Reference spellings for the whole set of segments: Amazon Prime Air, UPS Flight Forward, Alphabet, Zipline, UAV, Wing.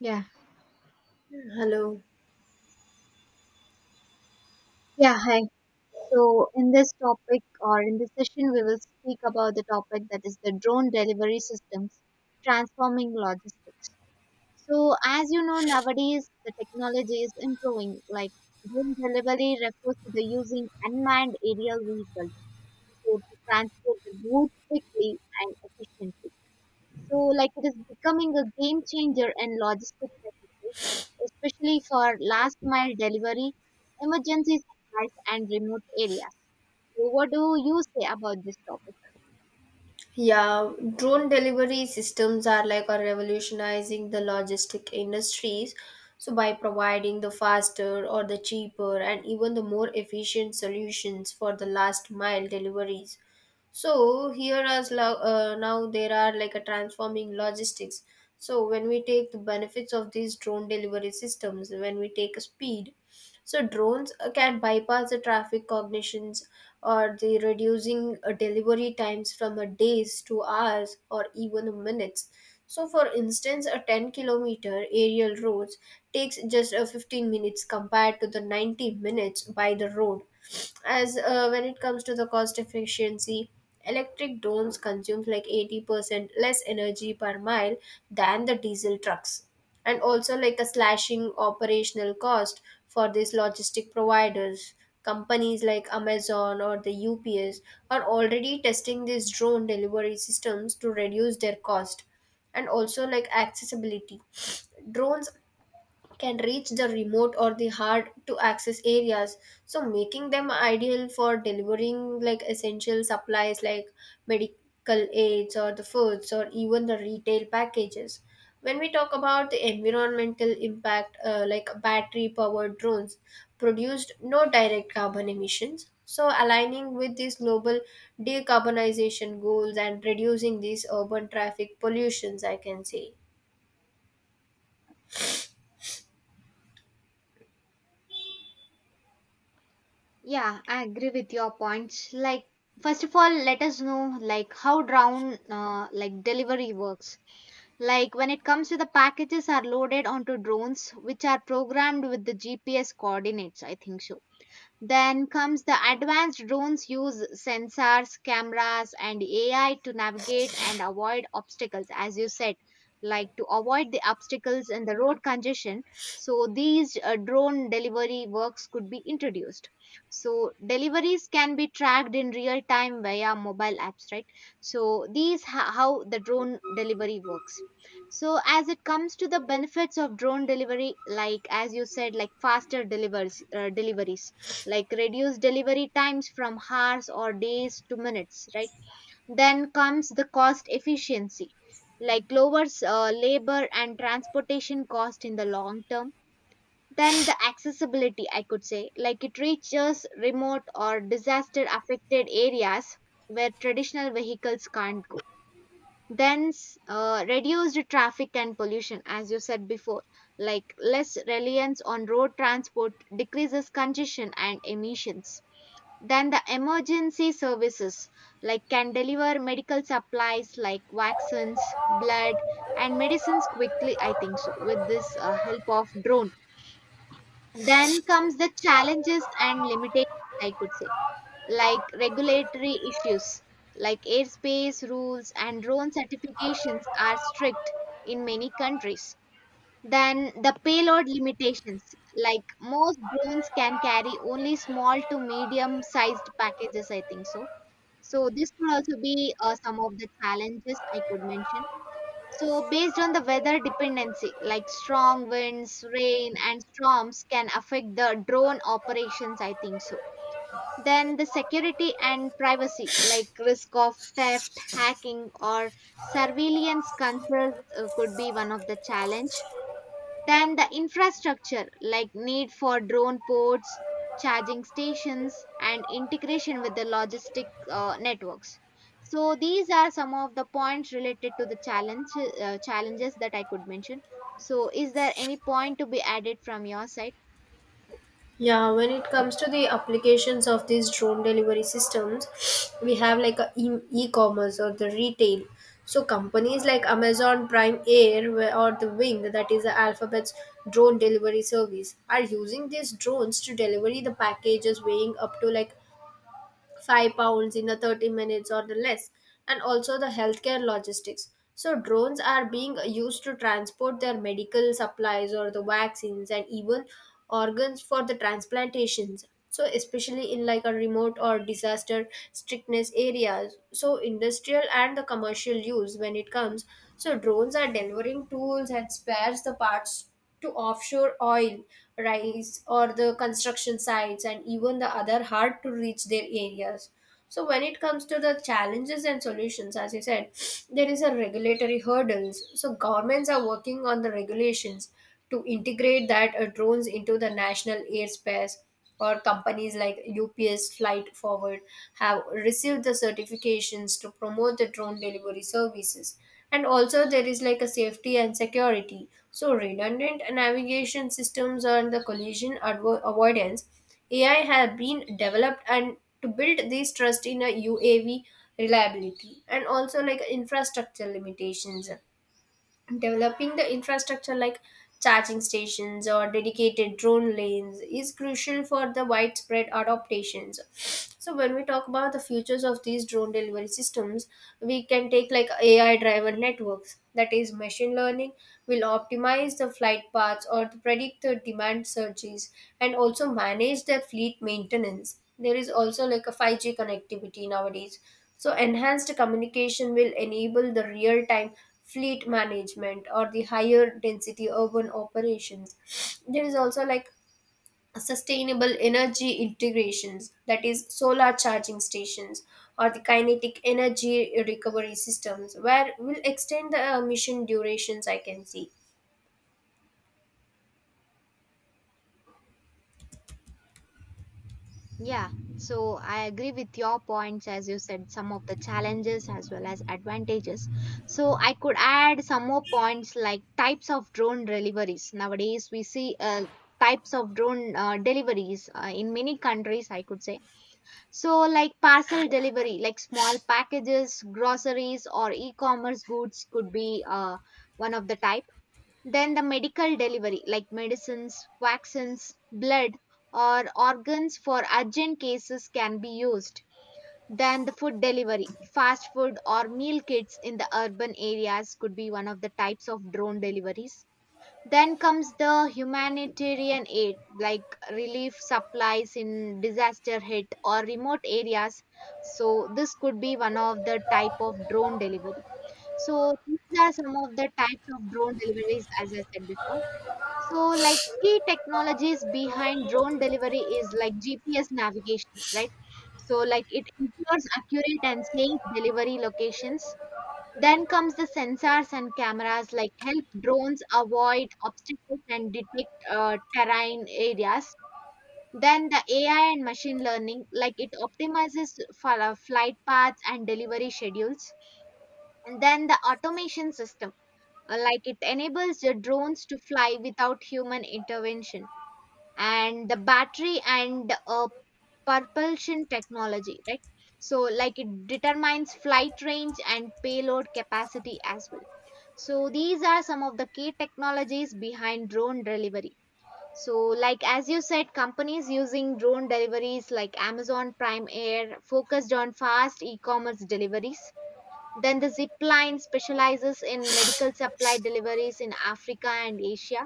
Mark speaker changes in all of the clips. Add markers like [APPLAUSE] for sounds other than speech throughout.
Speaker 1: Yeah,
Speaker 2: Hello.
Speaker 1: yeah, hi. So, in this topic or in this session, we will speak about the topic that is the drone delivery systems transforming logistics. So, as you know, nowadays the technology is improving. Like drone delivery refers to the using unmanned aerial vehicles so to transport the goods quickly and efficiently. So, like, it is becoming a game changer in logistics, I would say, especially for last mile delivery, emergency supplies, and remote areas. So, what do you say about this topic?
Speaker 2: Yeah, drone delivery systems are revolutionizing the logistic industries, so by providing the faster or the cheaper and even the more efficient solutions for the last mile deliveries. So here now there are like a transforming logistics. So when we take the benefits of these drone delivery systems, when we take speed, so drones can bypass the traffic cognitions or the reducing delivery times from a days to hours or even minutes. So for instance, a 10-kilometer aerial roads takes just a 15 minutes compared to the 90 minutes by the road. As When it comes to the cost efficiency, electric drones consumes like 80% less energy per mile than the diesel trucks, and also like a slashing operational cost for these logistic providers. Companies like Amazon or the UPS are already testing these drone delivery systems to reduce their cost. And also like accessibility, drones can reach the remote or the hard to access areas, so making them ideal for delivering like essential supplies like medical aids or the foods or even the retail packages. When we talk about the environmental impact, like battery powered drones produced no direct carbon emissions, so aligning with these global decarbonization goals and reducing these urban traffic pollutions, I can say.
Speaker 1: Yeah, I agree with your points. Like, first of all, let us know like how drone like delivery works. Like when it comes to the packages are loaded onto drones which are programmed with the GPS coordinates, I think so. Then comes the advanced drones use sensors, cameras, and AI to navigate and avoid obstacles, as you said, like to avoid the obstacles and the road congestion. So, these drone delivery works could be introduced. So, deliveries can be tracked in real time via mobile apps, right? So, these how the drone delivery works. So, as it comes to the benefits of drone delivery, like as you said, like faster deliveries like reduce delivery times from hours or days to minutes, right? Then comes the cost efficiency, like lowers labor and transportation cost in the long term. Then the accessibility, I could say, like it reaches remote or disaster affected areas where traditional vehicles can't go. Then reduced traffic and pollution, as you said before, like less reliance on road transport decreases congestion and emissions. Then the emergency services, like can deliver medical supplies like vaccines, blood and medicines quickly, I think so, with this help of drone. Then comes the challenges and limitations, I could say, like regulatory issues, like airspace rules and drone certifications are strict in many countries. Then the payload limitations, like most drones can carry only small to medium sized packages, I think so, so this could also be some of the challenges I could mention. So based on the weather dependency, like strong winds, rain, and storms can affect the drone operations, I think so. Then the security and privacy, like risk of theft, hacking, or surveillance concerns, could be one of the challenge. Then the infrastructure, like need for drone ports, charging stations, and integration with the logistic networks. So these are some of the points related to the challenges that I could mention. So is there any point to be added from your side?
Speaker 2: Yeah, when it comes to the applications of these drone delivery systems, we have like e-commerce or the retail. So companies like Amazon Prime Air or the Wing, that is the Alphabet's drone delivery service, are using these drones to deliver the packages weighing up to like 5 pounds in the 30 minutes or the less. And also the healthcare logistics, so drones are being used to transport their medical supplies or the vaccines and even organs for the transplantations, so especially in like a remote or disaster strictness areas. So industrial and the commercial use, when it comes, so drones are delivering tools and spares the parts to offshore oil rights or the construction sites and even the other hard to reach their areas. So when it comes to the challenges and solutions, as you said, [SNIFFS] there is a regulatory hurdles, so governments are working on the regulations to integrate that drones into the national airspace, or companies like UPS Flight Forward have received the certifications to promote the drone delivery services. And also, there is like a safety and security. So, redundant navigation systems and the collision avoidance AI have been developed and to build this trust in a UAV reliability. And also like infrastructure limitations, developing the infrastructure like charging stations or dedicated drone lanes is crucial for the widespread adaptations. So when we talk about the futures of these drone delivery systems, we can take like AI driver networks. That is, machine learning will optimize the flight paths or to predict the demand surges and also manage the fleet maintenance. There is also like a 5G connectivity nowadays. So enhanced communication will enable the real-time fleet management or the higher density urban operations. There is also like sustainable energy integrations, that is solar charging stations or the kinetic energy recovery systems where will extend the mission durations, I can see.
Speaker 1: Yeah, so I agree with your points, as you said, some of the challenges as well as advantages. So I could add some more points like types of drone deliveries. Nowadays, we see types of drone deliveries in many countries, I could say. So, like parcel delivery, like small packages, groceries, or e commerce goods could be one of the type. Then the medical delivery, like medicines, vaccines, blood, or organs for urgent cases, can be used. Then the food delivery, fast food or meal kits in the urban areas could be one of the types of drone deliveries. Then comes the humanitarian aid, like relief supplies in disaster hit or remote areas. So, this could be one of the type of drone delivery. So these are some of the types of drone deliveries, as I said before. So, like key technologies behind drone delivery is like GPS navigation, right? So, like it ensures accurate and safe delivery locations. Then comes the sensors and cameras, like help drones avoid obstacles and detect terrain areas. Then the AI and machine learning, like it optimizes for flight paths and delivery schedules. And then the automation system, like it enables the drones to fly without human intervention, and the battery and propulsion technology, right? So, like it determines flight range and payload capacity as well. So these are some of the key technologies behind drone delivery. So, like as you said, companies using drone deliveries like Amazon Prime Air focused on fast e-commerce deliveries. Then the Zipline specializes in medical supply deliveries in Africa and Asia.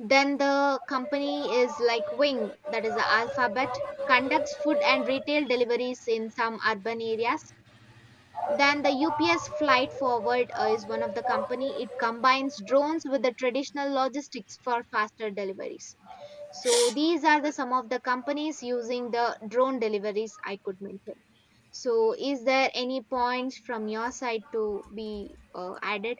Speaker 1: Then the company is like Wing, that is the Alphabet, conducts food and retail deliveries in some urban areas. Then the UPS Flight Forward is one of the company. It combines drones with the traditional logistics for faster deliveries. So these are the some of the companies using the drone deliveries I could mention. So is there any points from your side to be added?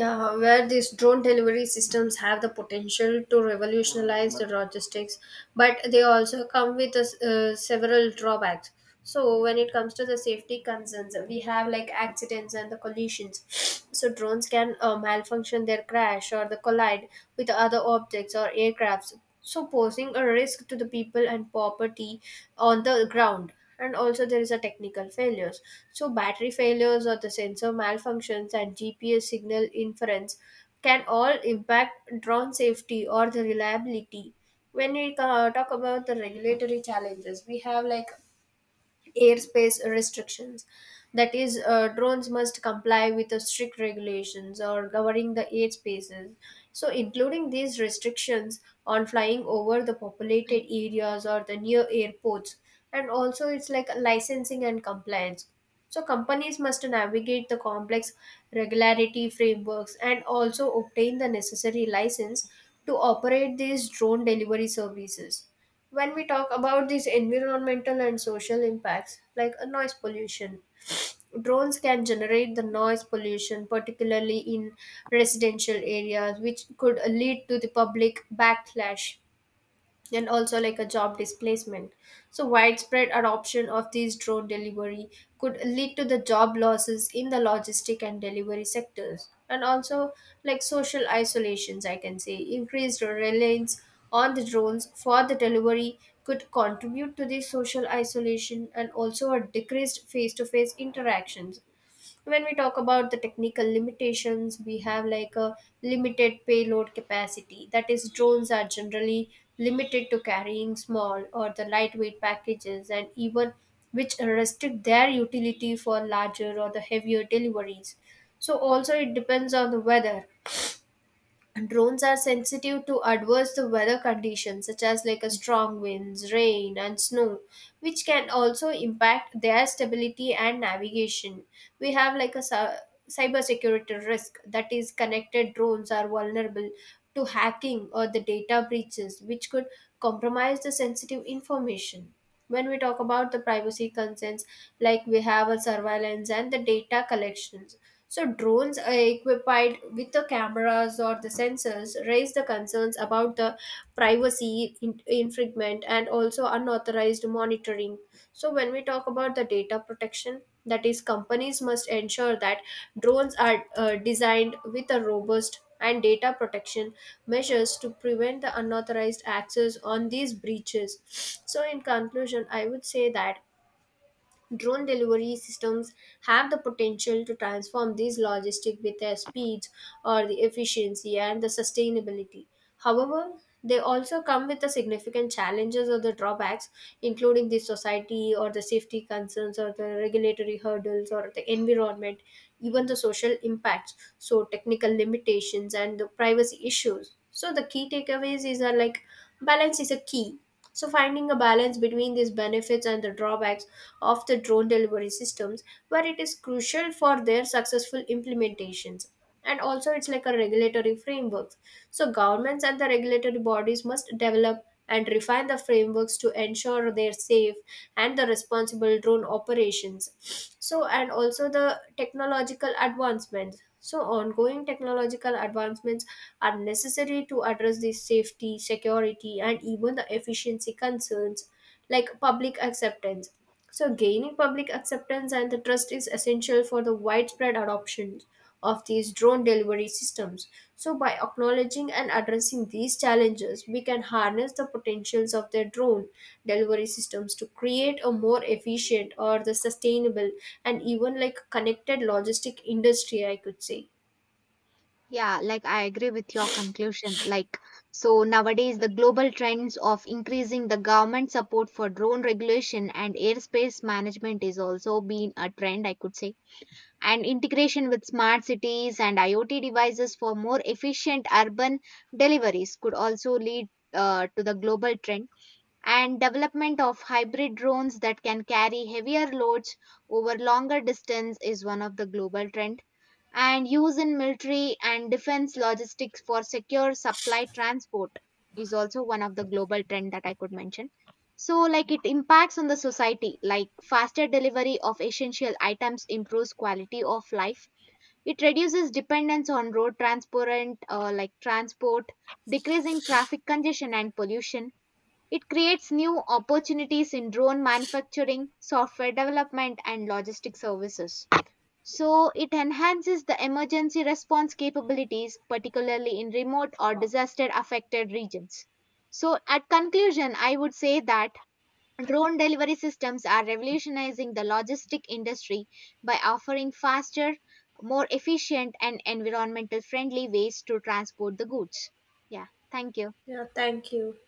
Speaker 2: Yeah, where these drone delivery systems have the potential to revolutionize the logistics, but they also come with several drawbacks. So, when it comes to the safety concerns, we have like accidents and the collisions. [SNIFFS] So, drones can malfunction their crash or the collide with other objects or aircrafts, so posing a risk to the people and property on the ground. And also there is a technical failures, so battery failures or the sensor malfunctions and GPS signal inference can all impact drone safety or the reliability. When we talk about the regulatory challenges, we have like airspace restrictions. That is, drones must comply with the strict regulations or governing the airspaces, so including these restrictions on flying over the populated areas or the near airports. And also it's like licensing and compliance. So, companies must navigate the complex regularity frameworks and also obtain the necessary license to operate these drone delivery services. When we talk about these environmental and social impacts, like noise pollution, drones can generate the noise pollution particularly in residential areas, which could lead to the public backlash. And also like a job displacement. So, widespread adoption of these drone delivery could lead to the job losses in the logistic and delivery sectors, and also like social isolations. I can say increased reliance on the drones for the delivery could contribute to the social isolation and also a decreased face-to-face interactions. When we talk about the technical limitations, we have like a limited payload capacity, that is drones are generally limited to carrying small or the lightweight packages and even which restrict their utility for larger or the heavier deliveries. So also it depends on the weather. Drones are sensitive to adverse weather conditions such as like a strong winds, rain and snow, which can also impact their stability and navigation. We have like a cybersecurity risk, that is connected drones are vulnerable to hacking or the data breaches, which could compromise the sensitive information. When we talk about the privacy concerns, like we have a surveillance and the data collections, so drones are equipped with the cameras or the sensors raise the concerns about the privacy infringement and also unauthorized monitoring. So when we talk about the data protection, that is companies must ensure that drones are designed with a robust and data protection measures to prevent the unauthorized access on these breaches. So in conclusion, I would say that drone delivery systems have the potential to transform these logistics with their speeds or the efficiency and the sustainability. However, they also come with the significant challenges or the drawbacks, including the society or the safety concerns or the regulatory hurdles or the environment, even the social impacts, so technical limitations and the privacy issues. So the key takeaways is are like balance is a key. So, finding a balance between these benefits and the drawbacks of the drone delivery systems, where it is crucial for their successful implementations. And also, it's like a regulatory framework. So, governments and the regulatory bodies must develop and refine the frameworks to ensure their safe and the responsible drone operations. So, and also the technological advancements. So, ongoing technological advancements are necessary to address the safety, security, and even the efficiency concerns, like public acceptance. So, gaining public acceptance and the trust is essential for the widespread adoption of these drone delivery systems. So, by acknowledging and addressing these challenges, we can harness the potentials of their drone delivery systems to create a more efficient or the sustainable and even like connected logistic industry, I could say.
Speaker 1: Yeah, like I agree with your conclusion. Like, so nowadays, the global trends of increasing the government support for drone regulation and airspace management is also been a trend, I could say. And integration with smart cities and IoT devices for more efficient urban deliveries could also lead to the global trend. And development of hybrid drones that can carry heavier loads over longer distance is one of the global trends, and use in military and defense logistics for secure supply transport is also one of the global trend that I could mention. So like it impacts on the society, like faster delivery of essential items improves quality of life, it reduces dependence on road transport like transport, decreasing traffic congestion and pollution, it creates new opportunities in drone manufacturing, software development and logistic services, so it enhances the emergency response capabilities, particularly in remote or disaster affected regions. So, at conclusion, I would say that drone delivery systems are revolutionizing the logistic industry by offering faster, more efficient, and environmental friendly ways to transport the goods. Yeah, thank you.
Speaker 2: Yeah, thank you.